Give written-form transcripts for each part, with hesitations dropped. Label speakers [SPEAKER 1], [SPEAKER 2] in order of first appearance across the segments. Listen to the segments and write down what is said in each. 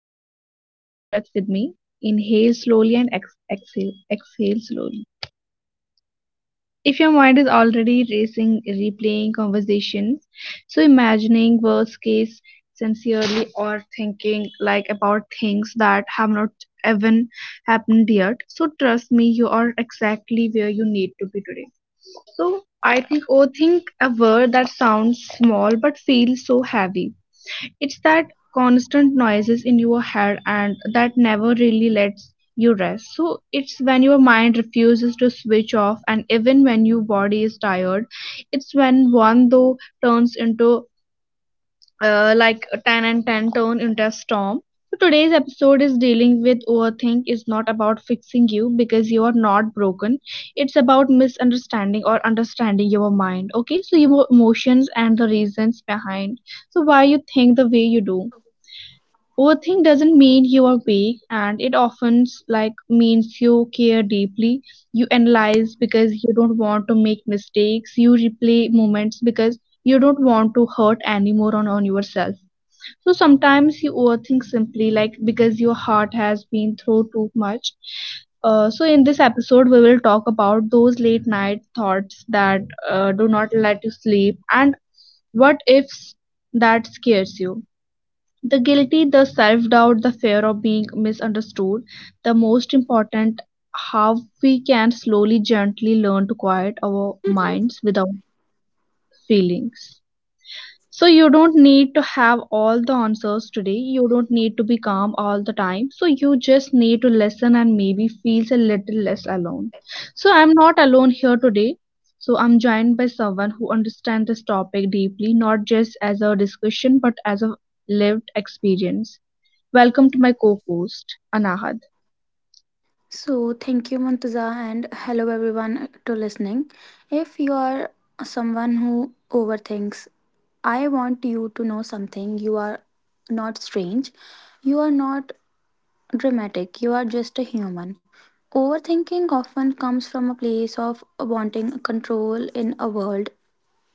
[SPEAKER 1] episode, take a deep breath with me. Inhale slowly and exhale slowly. If your mind is already racing, replaying conversations, so imagining worst case sincerely or thinking like about things that have not even happened yet. So trust me, you are exactly where you need to be today. So I think think a word that sounds small but feels so heavy. It's that constant noises in your head and that never really lets you rest. So it's when your mind refuses to switch off and even when your body is tired, it's when one though turns into like a tan and ten turn into a storm. So today's episode is dealing with overthink is not about fixing you because you are not broken. It's about misunderstanding or understanding your mind. Okay, so your emotions and the reasons behind. So why you think the way you do. Overthink doesn't mean you are weak, and it often like means you care deeply. You analyze because you don't want to make mistakes. You replay moments because you don't want to hurt anymore on yourself, so sometimes you overthink simply like because your heart has been through too much. So in this episode, we will talk about those late night thoughts that do not let you sleep and what ifs that scares you. The guilty, the self doubt, the fear of being misunderstood, the most important, how we can slowly, gently learn to quiet our
[SPEAKER 2] So,
[SPEAKER 1] minds without feelings. So you don't need to have all the answers today, you don't need to be calm all the time, so you just need to listen and maybe feels a little less alone. So I'm not alone here today. So I'm joined by someone who understands this topic deeply, not just as a discussion but as a lived experience. Welcome to my co-host Anahad.
[SPEAKER 2] thank you, Muntaza, and hello everyone to listening. If you are someone who overthinks, I want you to know something. You are not strange, you are not dramatic, you are just a human. Overthinking often comes from a place of wanting control in a world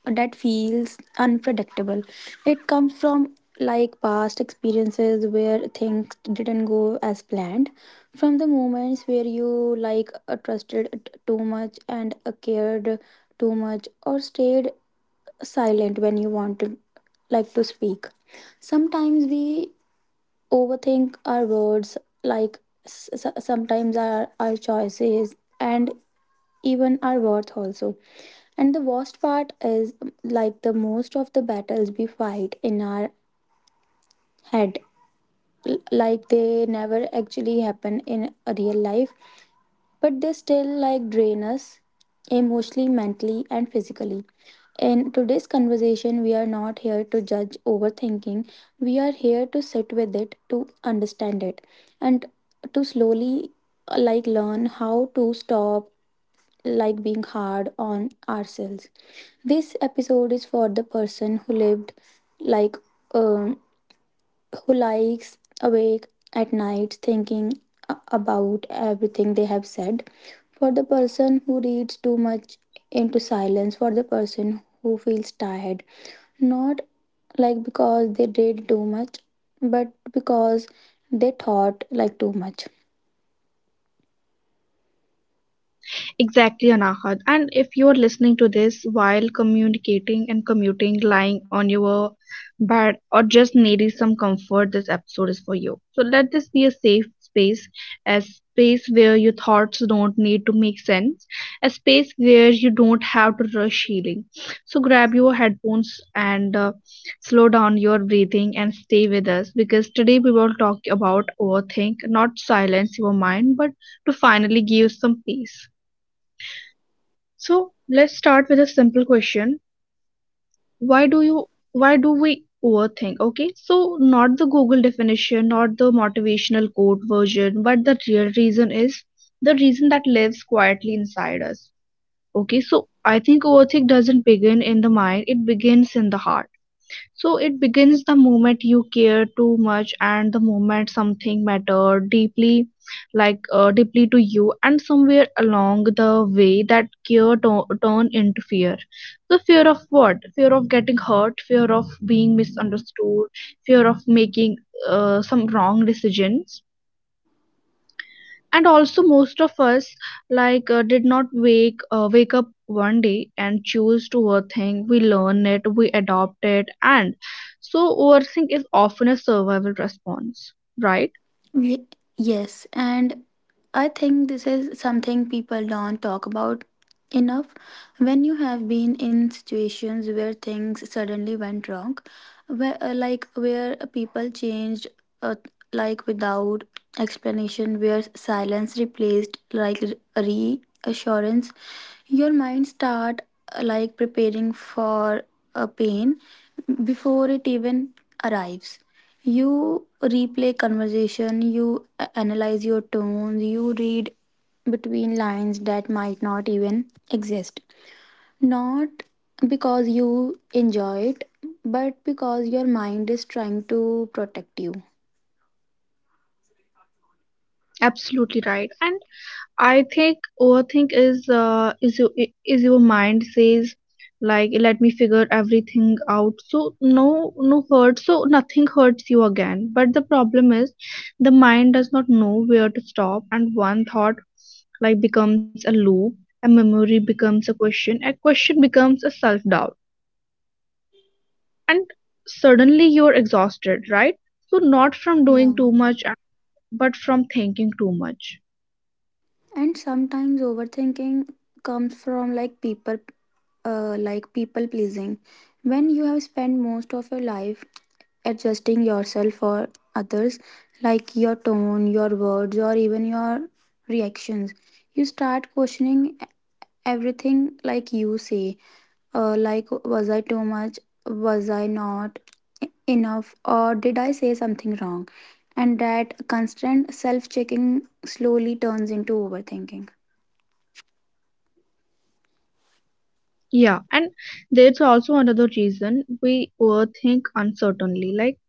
[SPEAKER 2] that feels unpredictable. It comes from like past experiences where things didn't go as planned, from the moments where you like trusted too much and cared too much or stayed silent when you wanted like to speak. Sometimes we overthink our words like sometimes our choices and even our worth also. And the worst part is like the most of the battles we fight in our head like they never actually happen in a real life, but they still like drain us emotionally, mentally, and physically. In today's conversation we are not here to judge overthinking, we are here to sit with it, to understand it, and to slowly like learn how to stop like being hard on ourselves. This episode is for the person who lived, like, um who likes awake at night thinking about everything they have said. For the person who reads too much into silence, for the person who feels tired, not like because they did too much, but because they thought like too much.
[SPEAKER 1] Exactly, Anahad. And if you are listening to this while communicating and commuting, lying on your bed, or just needing some comfort, this episode is for you. So let this be a safe space, a space where your thoughts don't need to make sense, a space where you don't have to rush healing. So grab your headphones and slow down your breathing and stay with us because today we will talk about overthink, not silence your mind, but to finally give some peace. So let's start with a simple question. Why do we overthink? Okay, so not the Google definition, not the motivational quote version, but the real reason is the reason that lives quietly inside us. Okay, so I think overthink doesn't begin in the mind, it begins in the heart. So it begins the moment you care too much and the moment something mattered deeply, deeply to you, and somewhere along the way that turn into fear. So fear of what? Fear of getting hurt, fear of being misunderstood, fear of making some wrong decisions, and also most of us did not wake up one day and choose to overthink. We learn it, we adopt it, and so overthink is often a survival response, right?
[SPEAKER 2] Ye- Yes, and I think this is something people don't talk about enough. When you have been in situations where things suddenly went wrong, where like where people changed, uh, like without explanation, where silence replaced like re- reassurance, your mind start like preparing for a pain before it even arrives. You replay conversation, you analyze your tones. You read between lines that might not even exist. Not because you enjoy it, but because your mind is trying to protect you.
[SPEAKER 1] Absolutely right. And I think overthink is is your mind says like let me figure everything out so no hurt, so nothing hurts you again, but the problem is the mind does not know where to stop and one thought like becomes a loop, a memory becomes a question, a question becomes a self doubt, and suddenly you're exhausted, right? So not from doing
[SPEAKER 2] Yeah.
[SPEAKER 1] too much but from thinking too much.
[SPEAKER 2] And sometimes overthinking comes from like people, like people pleasing. When you have spent most of your life adjusting yourself for others, like your tone, your words, or even your reactions, you start questioning everything. Like you say, like, was I too much, was I not e-, enough, or did I say something wrong? And that constant self checking slowly turns into overthinking.
[SPEAKER 1] Yeah, and there's also another reason we overthink uncertainly, like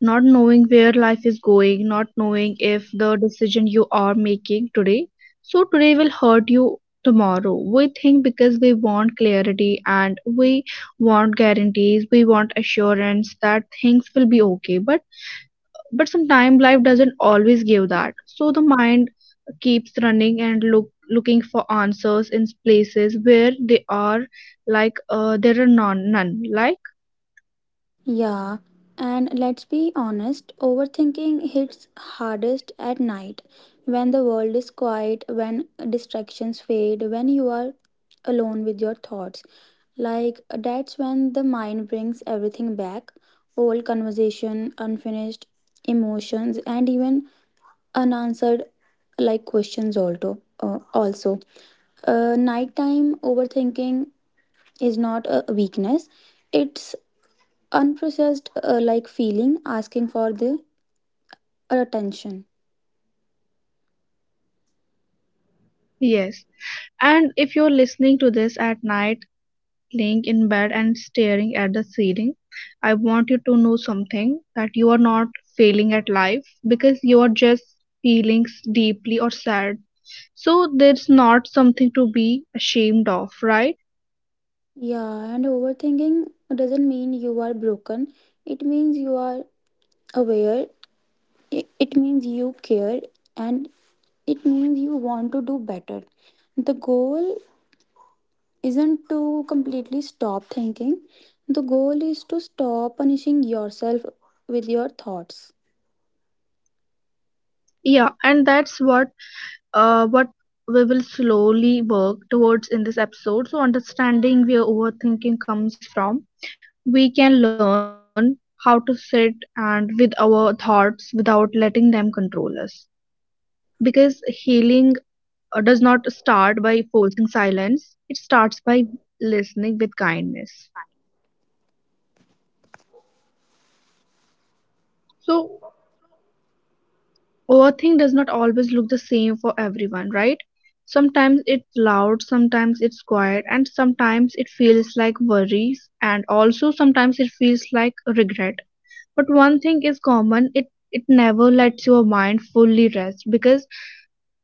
[SPEAKER 1] not knowing where life is going, not knowing if the decision you are making today, so today will hurt you tomorrow. We think because we want clarity and we want guarantees, we want assurance that things will be okay, but sometimes life doesn't always give that, so the mind keeps running and looking for answers in places where they are there are none, like
[SPEAKER 2] Yeah, and let's be honest, overthinking hits hardest at night, when the world is quiet, when distractions fade, when you are alone with your thoughts. Like, that's when the mind brings everything back: old conversation, unfinished emotions, and even unanswered like questions also. Nighttime overthinking is not a weakness, it's unprocessed like feeling asking for the attention.
[SPEAKER 1] yes. And if you're listening to this at night, laying in bed and staring at the ceiling, I want you to know something, that you are not failing at life because you are just feeling deeply or sad. So there's not something to be ashamed of, right?
[SPEAKER 2] Yeah, and overthinking doesn't mean you are broken, it means you are aware. It means you care, and it means you want to do better. The goal isn't to completely stop thinking, the goal is to stop punishing yourself with your thoughts.
[SPEAKER 1] Yeah, and that's what uh, what we will slowly work towards in this episode. So, understanding where overthinking comes from, we can learn how to sit and with our thoughts without letting them control us. Because healing does not start by forcing silence, it starts by listening with kindness. So, overthink does not always look the same for everyone, right? Sometimes it's loud, sometimes it's quiet, and sometimes it feels like worries, and also sometimes it feels like regret. But one thing is common, it never lets your mind fully rest because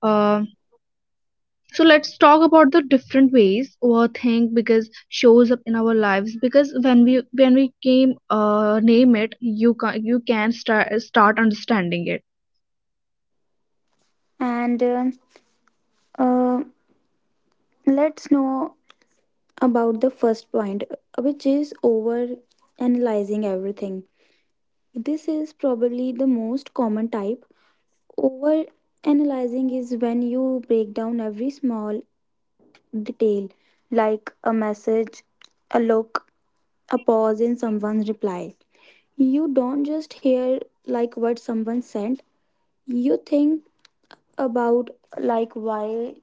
[SPEAKER 1] uh, so let's talk about the different ways overthink because shows up in our lives because when we came name it, you can start understanding it.
[SPEAKER 2] And uh, let's know about the first point, which is over analyzing everything. This is probably the most common type. Over analyzing is when you break down every small detail, like a message, a look, a pause in someone's reply. You don't just hear like what someone sent, you think about like why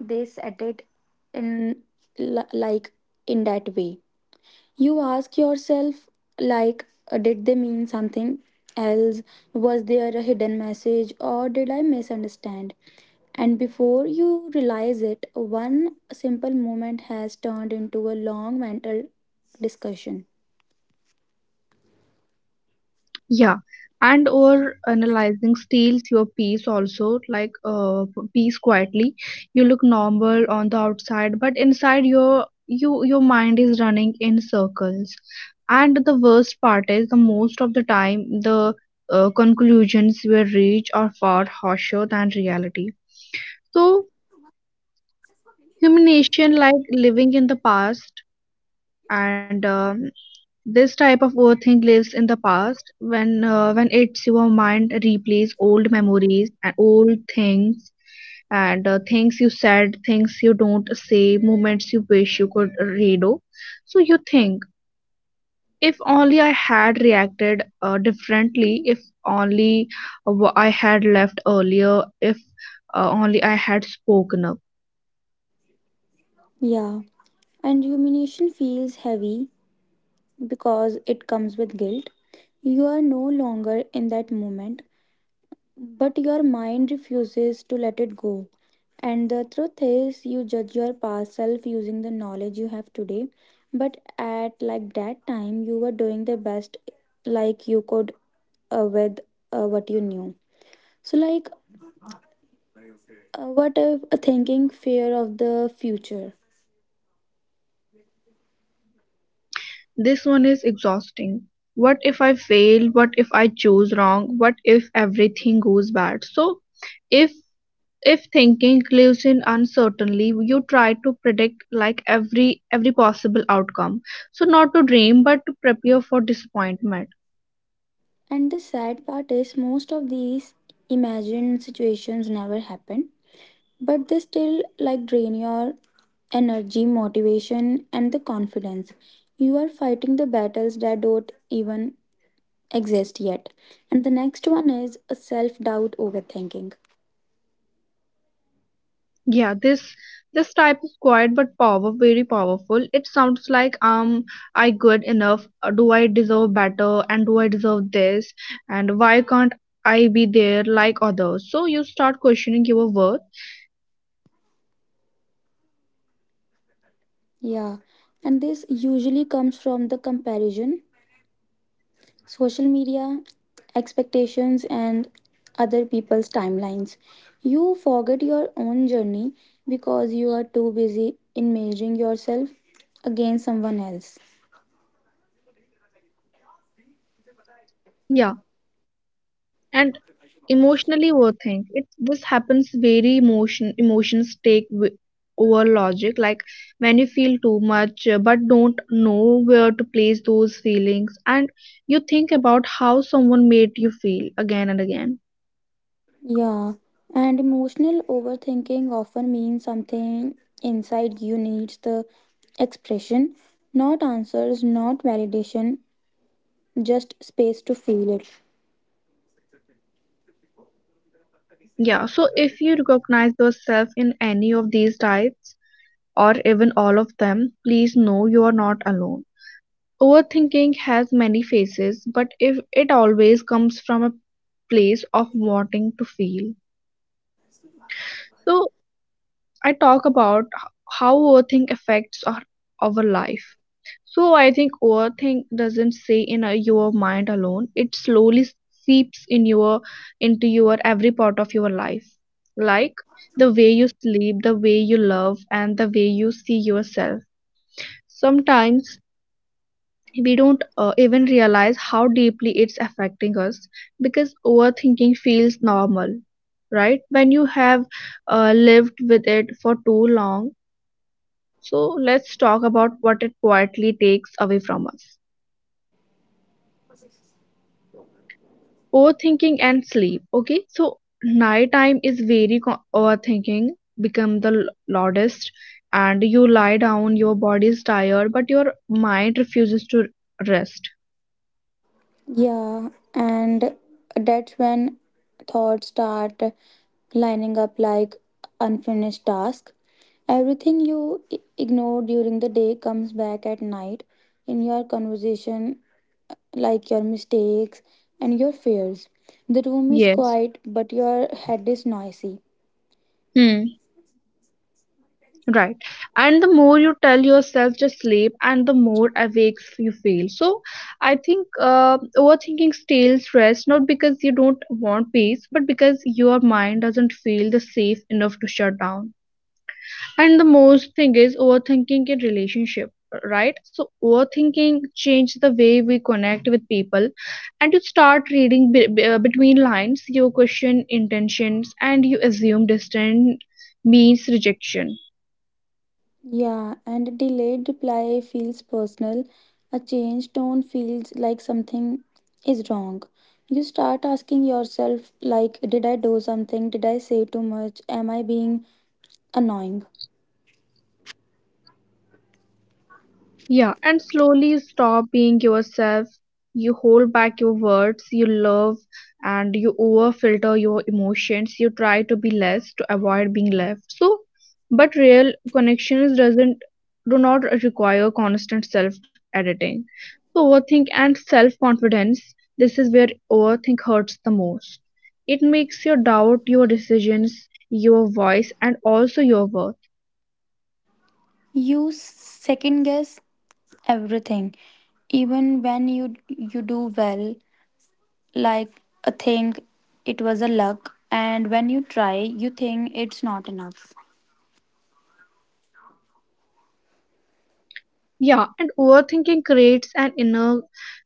[SPEAKER 2] they said it in like in that way. You ask yourself, like, did they mean something else? Was there a hidden message or did I misunderstand? And before you realize it, one simple moment has turned into a long mental discussion.
[SPEAKER 1] Yeah, and or analyzing steals your peace also, peace quietly. You look normal on the outside, but inside your mind is running in circles. And the worst part is the most of the time the conclusions we reach are far harsher than reality. So humiliation, like living in the past and um, this type of overthink lives in the past when it's your mind replays old memories and old things and things you said, things you don't say, moments you wish you could redo. So you think, if only I had reacted differently, if only I had left earlier, if only I had spoken up.
[SPEAKER 2] Yeah, and rumination feels heavy because it comes with guilt. You are no longer in that moment, but your mind refuses to let it go. And the truth is, you judge your past self using the knowledge you have today. But at like that time, you were doing the best like you could, with what you knew. So, like, what if a thinking fear of the future?
[SPEAKER 1] This one is exhausting. What if I fail? What if I choose wrong? What if everything goes bad? So, if if thinking lives in uncertainty, you try to predict like every possible outcome, so not to dream but to prepare for disappointment.
[SPEAKER 2] And the sad part is, most of these imagined situations never happen, but they still like drain your energy, motivation, and the confidence. You are fighting the battles that don't even exist yet. And the next one is a self doubt overthinking.
[SPEAKER 1] Yeah, this type is quiet but power very powerful. It sounds like um, I good enough? Do I deserve better? And do I deserve this? And why can't I be there like others? So you start questioning your worth.
[SPEAKER 2] Yeah, and this usually comes from the comparison, social media, expectations, and other people's timelines. You forget your own journey because you are too busy in measuring yourself against someone else.
[SPEAKER 1] Yeah, and emotionally overthink it, this happens very emotions over logic, like when you feel too much but don't know where to place those feelings, and you think about how someone made you feel again and again.
[SPEAKER 2] Yeah, and emotional overthinking often means something inside you needs the expression, not answers, not validation, just space to feel it.
[SPEAKER 1] Yeah, so if you recognize yourself in any of these types or even all of them, please know you are not alone. Overthinking has many faces but if it always comes from a place of wanting to feel. So I talk about how overthink affects our life. So I think overthink doesn't stay in your mind alone. It slowly seeps in your into your every part of your life. Like the way you sleep, the way you love and the way you see yourself. Sometimes we don't even realize how deeply it's affecting us because overthinking feels normal, right? When you have lived with it for too long. So let's talk about what it quietly takes away from us. Overthinking and sleep. Okay, so nighttime is very overthinking become the loudest, and you lie down. Your body is tired, but your mind refuses to rest.
[SPEAKER 2] Yeah, and that's when thoughts start lining up like unfinished task. Everything you ignore during the day comes back at night, in your conversation, like your mistakes and your fears. The room is
[SPEAKER 1] Yes.
[SPEAKER 2] quiet, but your head is noisy.
[SPEAKER 1] Hmm. Right. And the more you tell yourself to sleep and the more awake you feel. So I think overthinking steals rest not because you don't want peace, but because your mind doesn't feel the safe enough to shut down. And the most thing is overthinking in relationship, right? So overthinking changes the way we connect with people, and you start reading between lines, you question intentions and you assume distance means rejection.
[SPEAKER 2] Yeah, and a delayed reply feels personal. A changed tone feels like something is wrong. You start asking yourself, like, did I do something? Did I say too much? Am I being annoying?
[SPEAKER 1] Yeah, and slowly stop being yourself. You hold back your words, you love, and you over filter your emotions. You try to be less to avoid being left. So, but real connections doesn't, do not require constant self editing. So, overthink and self confidence. This is where overthink hurts the most. It makes you doubt your decisions, your voice, and also your worth.
[SPEAKER 2] You second guess everything, even when you do well. Like, a thing, it was a luck, and when you try, you think it's not enough.
[SPEAKER 1] Yeah, and overthinking creates an inner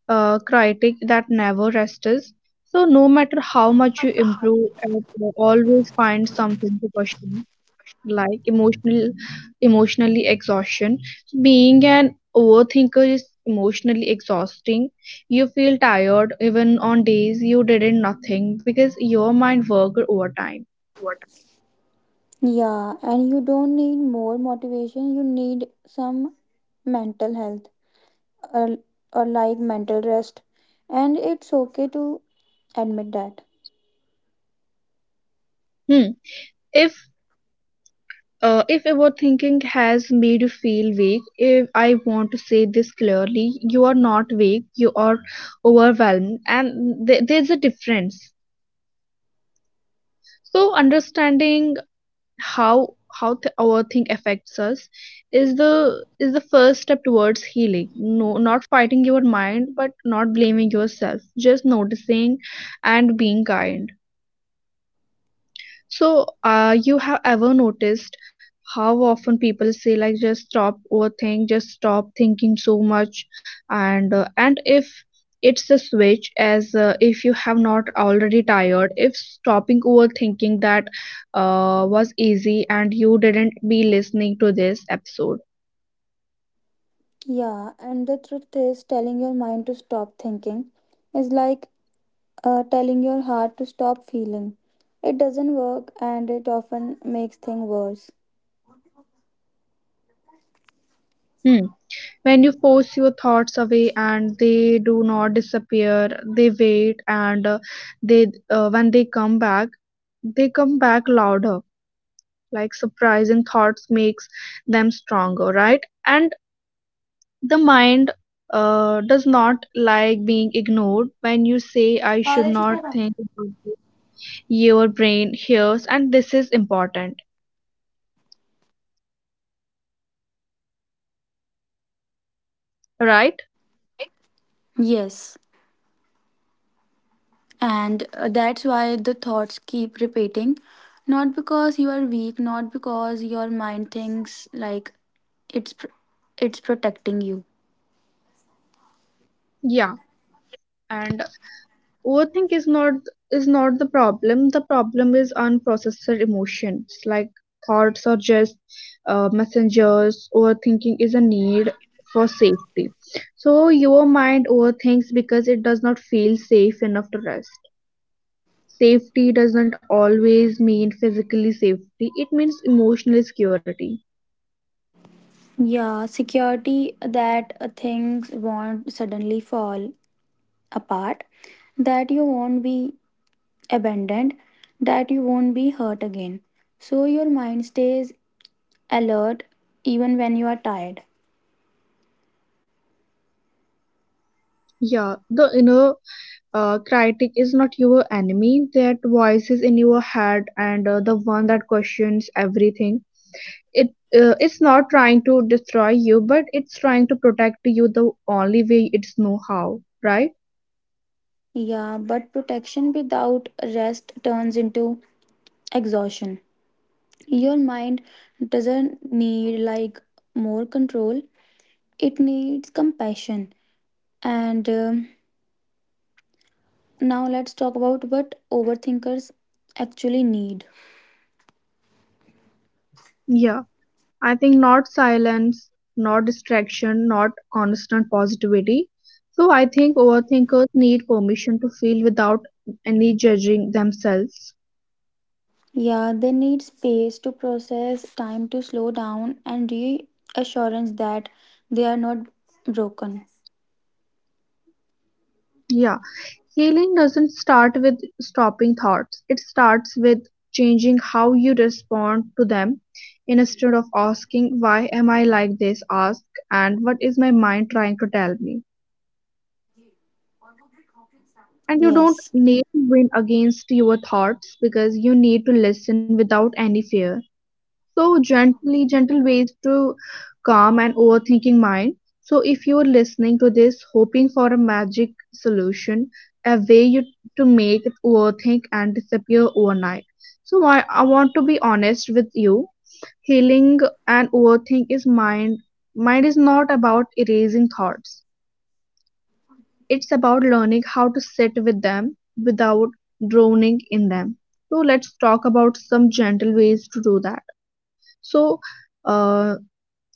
[SPEAKER 1] critic that never rests. So, no matter how much you improve, at, you always find something to question, like emotional, emotionally exhaustion. Being an overthinker is emotionally exhausting. You feel tired even on days you didn't nothing because your mind worked overtime.
[SPEAKER 2] Yeah, and you don't need more motivation, you need some mental health, or, like mental rest. And it's okay to admit that.
[SPEAKER 1] Hmm. If if overthinking has made you feel weak, if I want to say this clearly, you are not weak, you are overwhelmed, and there's a difference. So, understanding how how overthink affects us is the first step towards healing. No, not fighting your mind, but not blaming yourself, just noticing and being kind. So, you have ever noticed how often people say, like, just stop overthink, just stop thinking so much, and if it's a switch, as if you have not already tired, if stopping overthinking that was easy and you didn't be listening to this episode.
[SPEAKER 2] Yeah, and the truth is, telling your mind to stop thinking is like, telling your heart to stop feeling. It doesn't work and it often makes things worse.
[SPEAKER 1] Hmm. When you force your thoughts away and they do not disappear, they wait and they when they come back louder. Like surprising thoughts makes them stronger, right? And the mind does not like being ignored. When you say, I should not think about it, your brain hears, and this is important, right?
[SPEAKER 2] Yes. And that's why the thoughts keep repeating. Not because you are weak, not because your mind thinks like it's pr- it's protecting you.
[SPEAKER 1] Yeah. And overthink is not the problem. The problem is unprocessed emotions, like thoughts, or just messengers. Overthinking is a need for safety. So your mind overthinks because it does not feel safe enough to rest. Safety does not always mean physically safety. It means emotional security.
[SPEAKER 2] Yeah, security that things won't suddenly fall apart, that you won't be abandoned, that you won't be hurt again. So your mind stays alert even when you are tired.
[SPEAKER 1] Yeah, the inner critic is not your enemy. That voice is in your head, and the one that questions everything, it it's not trying to destroy you, but it's trying to protect you the only way it's know how, right,
[SPEAKER 2] Yeah, but protection without rest turns into exhaustion. Your mind doesn't need like more control, it needs compassion. And now let's talk about what overthinkers actually need.
[SPEAKER 1] Yeah, I think not silence, not distraction, not constant positivity. So I think overthinkers need permission to feel without any judging themselves.
[SPEAKER 2] Yeah, they need space to process, time to slow down, and reassurance that they are not broken.
[SPEAKER 1] Yeah. Healing doesn't start with stopping thoughts, it starts with changing how you respond to them. Instead of asking, why am I like this, ask, and what is my mind trying to tell me? And you don't
[SPEAKER 2] Yes.
[SPEAKER 1] need to win against your thoughts, because you need to listen without any fear. So gently, gentle ways to calm an overthinking mind. So if you're listening to this, hoping for a magic solution, a way you to make it overthink and disappear overnight. So I want to be honest with you. Healing and overthink is mind. Mind is not about erasing thoughts. It's about learning how to sit with them without drowning in them. So let's talk about some gentle ways to do that. So, uh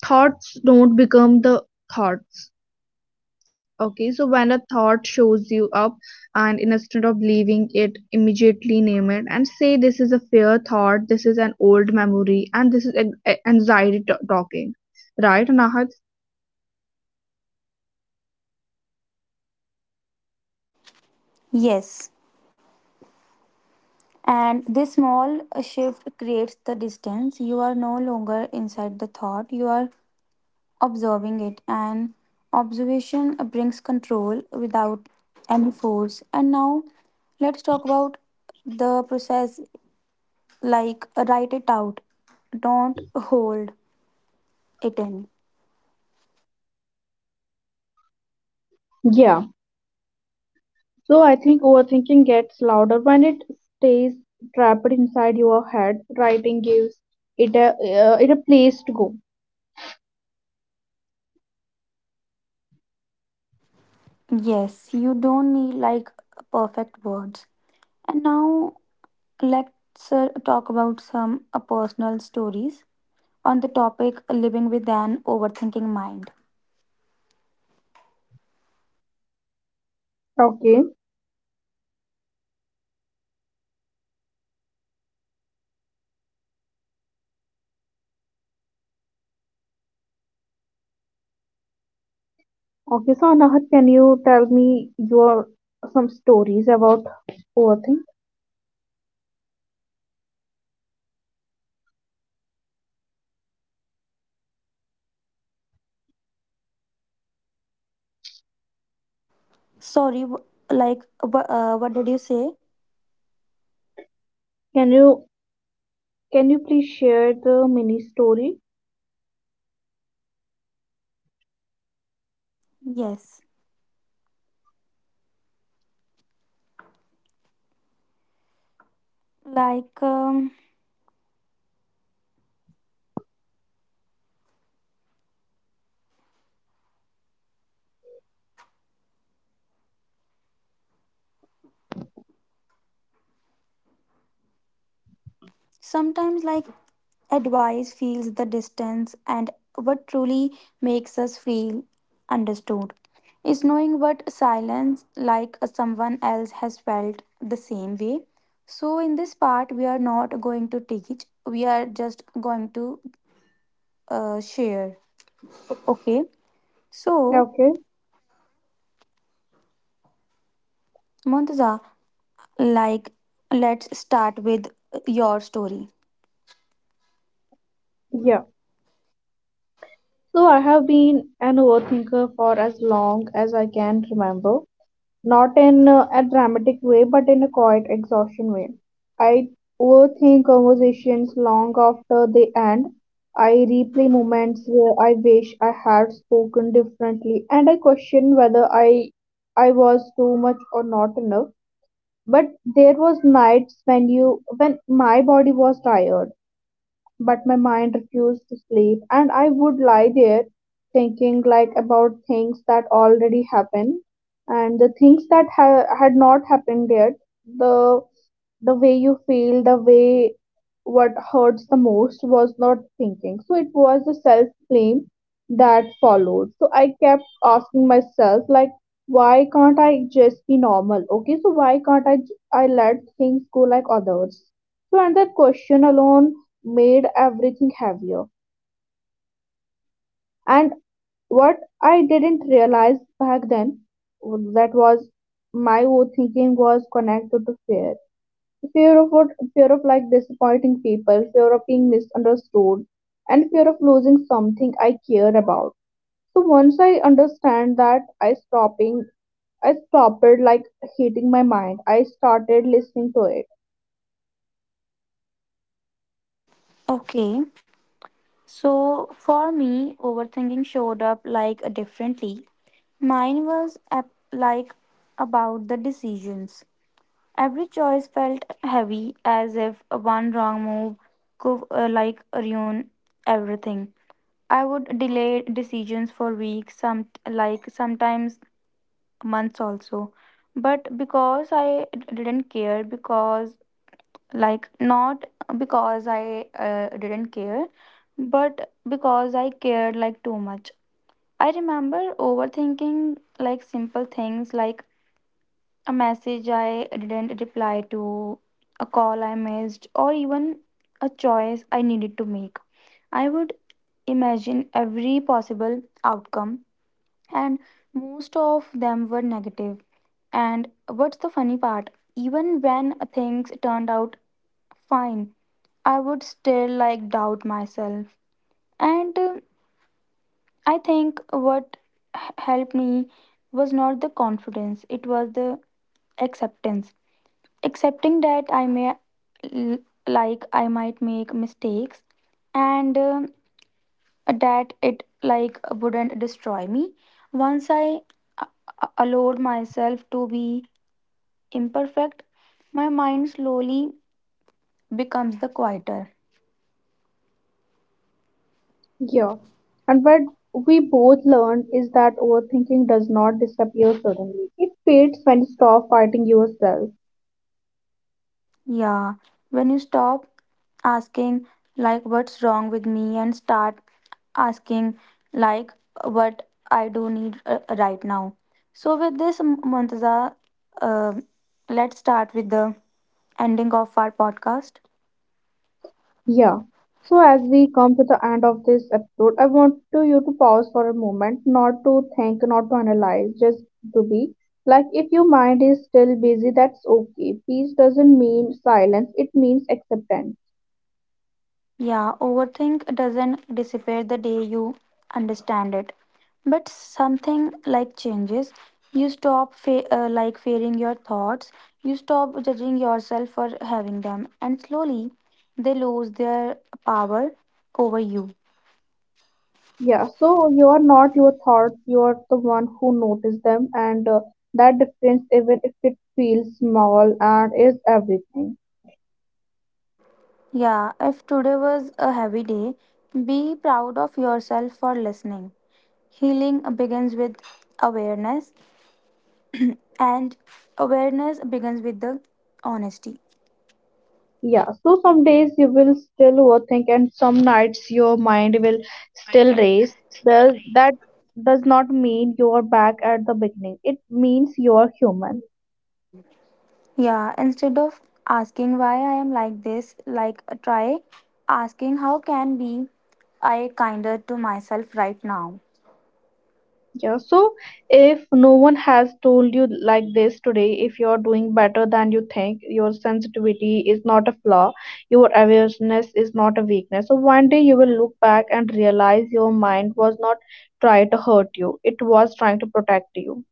[SPEAKER 1] thoughts don't become the thoughts. Okay, so when a thought shows you up, and instead of believing it immediately, name it and say, this is a fear thought, this is an old memory, and this is an anxiety talking, right, nahat?
[SPEAKER 2] Yes. And this small shift creates the distance. You are no longer inside the thought, you are observing it, and observation brings control without any force. And now let's talk about the process, like, write it out, don't hold it in.
[SPEAKER 1] Yeah, so I think overthinking gets louder when it stays trapped inside your head. Writing gives it a it a place to go.
[SPEAKER 2] Yes, you don't need like perfect words. And now let's talk about some personal stories on the topic, living with an overthinking mind.
[SPEAKER 1] Okay, Okay, so Anahat, can you tell me your some stories about overthink?
[SPEAKER 2] Sorry, like what did you say?
[SPEAKER 1] Can you can you please share the mini story?
[SPEAKER 2] Yes. Like sometimes, like advice feels the distance, and what truly makes us feel understood is knowing what silence, like someone else has felt the same way. So, in this part, we are not going to teach, we are just going to share. Okay, so
[SPEAKER 1] Okay.
[SPEAKER 2] Montaza, like let's start with your story.
[SPEAKER 1] Yeah. So I have been an overthinker for as long as I can remember. Not in a dramatic way, but in a quiet exhaustion way. I overthink conversations long after they end. I replay moments where I wish I had spoken differently, and I question whether I was too much or not enough. But there was nights when you when my body was tired but my mind refused to sleep, and I would lie there thinking, like, about things that already happened and the things that had not happened yet, the way you feel, the way. What hurts the most was not thinking, so it was the self blame that followed. So I kept asking myself, like, why can't I just be normal? Okay, so why can't I let things go like others? So, and that question alone made everything heavier. And what I didn't realize back then, that was my own thinking was connected to fear. Fear of what? Fear of, like, disappointing people, fear of being misunderstood, and fear of losing something I care about. So once I understand that, I stopped, like, hating my mind. I started listening to it.
[SPEAKER 2] Okay. So for me, overthinking showed up like differently. Mine was like about the decisions. Every choice felt heavy, as if one wrong move could like ruin everything. I would delay decisions for weeks, some like sometimes months also. But because didn't care, because like not because I didn't care, but because I cared like too much. I remember overthinking like simple things, like a message I didn't reply to, a call I missed, or even a choice I needed to make. I would imagine every possible outcome, and most of them were negative. And what's the funny part, even when things turned out fine, I would still like doubt myself. And I think what helped me was not the confidence, it was the acceptance. Accepting that I may, l- like, I might make mistakes, and that it, like, wouldn't destroy me. Once I a- allowed myself to be imperfect, my mind slowly becomes the quieter.
[SPEAKER 1] Yeah. And what we both learned is that overthinking does not disappear suddenly. It fades when you stop fighting yourself.
[SPEAKER 2] Yeah, when you stop asking, like, what's wrong with me, and start asking, like, what I do need right now. So, with this, Muntaza, uh, let's start with the ending of our podcast.
[SPEAKER 1] Yeah. So as we come to the end of this episode, I want to you to pause for a moment, not to think, not to analyze, just to be. Like, if your mind is still busy, that's okay. Peace doesn't mean silence, it means acceptance.
[SPEAKER 2] Yeah, overthink doesn't disappear the day you understand it. But something like changes. You stop like fearing your thoughts. You stop judging yourself for having them. And slowly, they lose their power over you.
[SPEAKER 1] Yeah, so you are not your thoughts, you are the one who notice them, and that difference, even if it feels small, and is everything.
[SPEAKER 2] Yeah, if today was a heavy day, be proud of yourself for listening. Healing begins with awareness, and awareness begins with the honesty.
[SPEAKER 1] Yeah, so some days you will still overthink, and some nights your mind will still race. Does that does not mean you are back at the beginning. It means you are human.
[SPEAKER 2] Yeah, instead of asking why I am like this, like try asking how can be I kinder to myself right now.
[SPEAKER 1] Yeah, so if no one has told you like this today, if you're doing better than you think, your sensitivity is not a flaw, your awareness is not a weakness. So one day you will look back and realize your mind was not trying to hurt you, it was trying to protect you.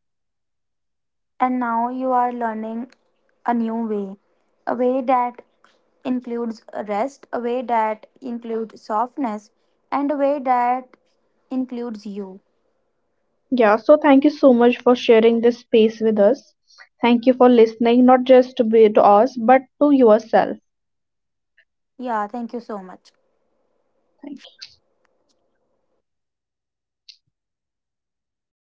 [SPEAKER 2] And now you are learning a new way, a way that includes rest, a way that includes softness, and a way that includes you.
[SPEAKER 1] Yeah, so thank you so much for sharing this space with us. Thank you for listening, not just to be to us, but to yourself.
[SPEAKER 2] Yeah, thank you so much.
[SPEAKER 1] Thank you.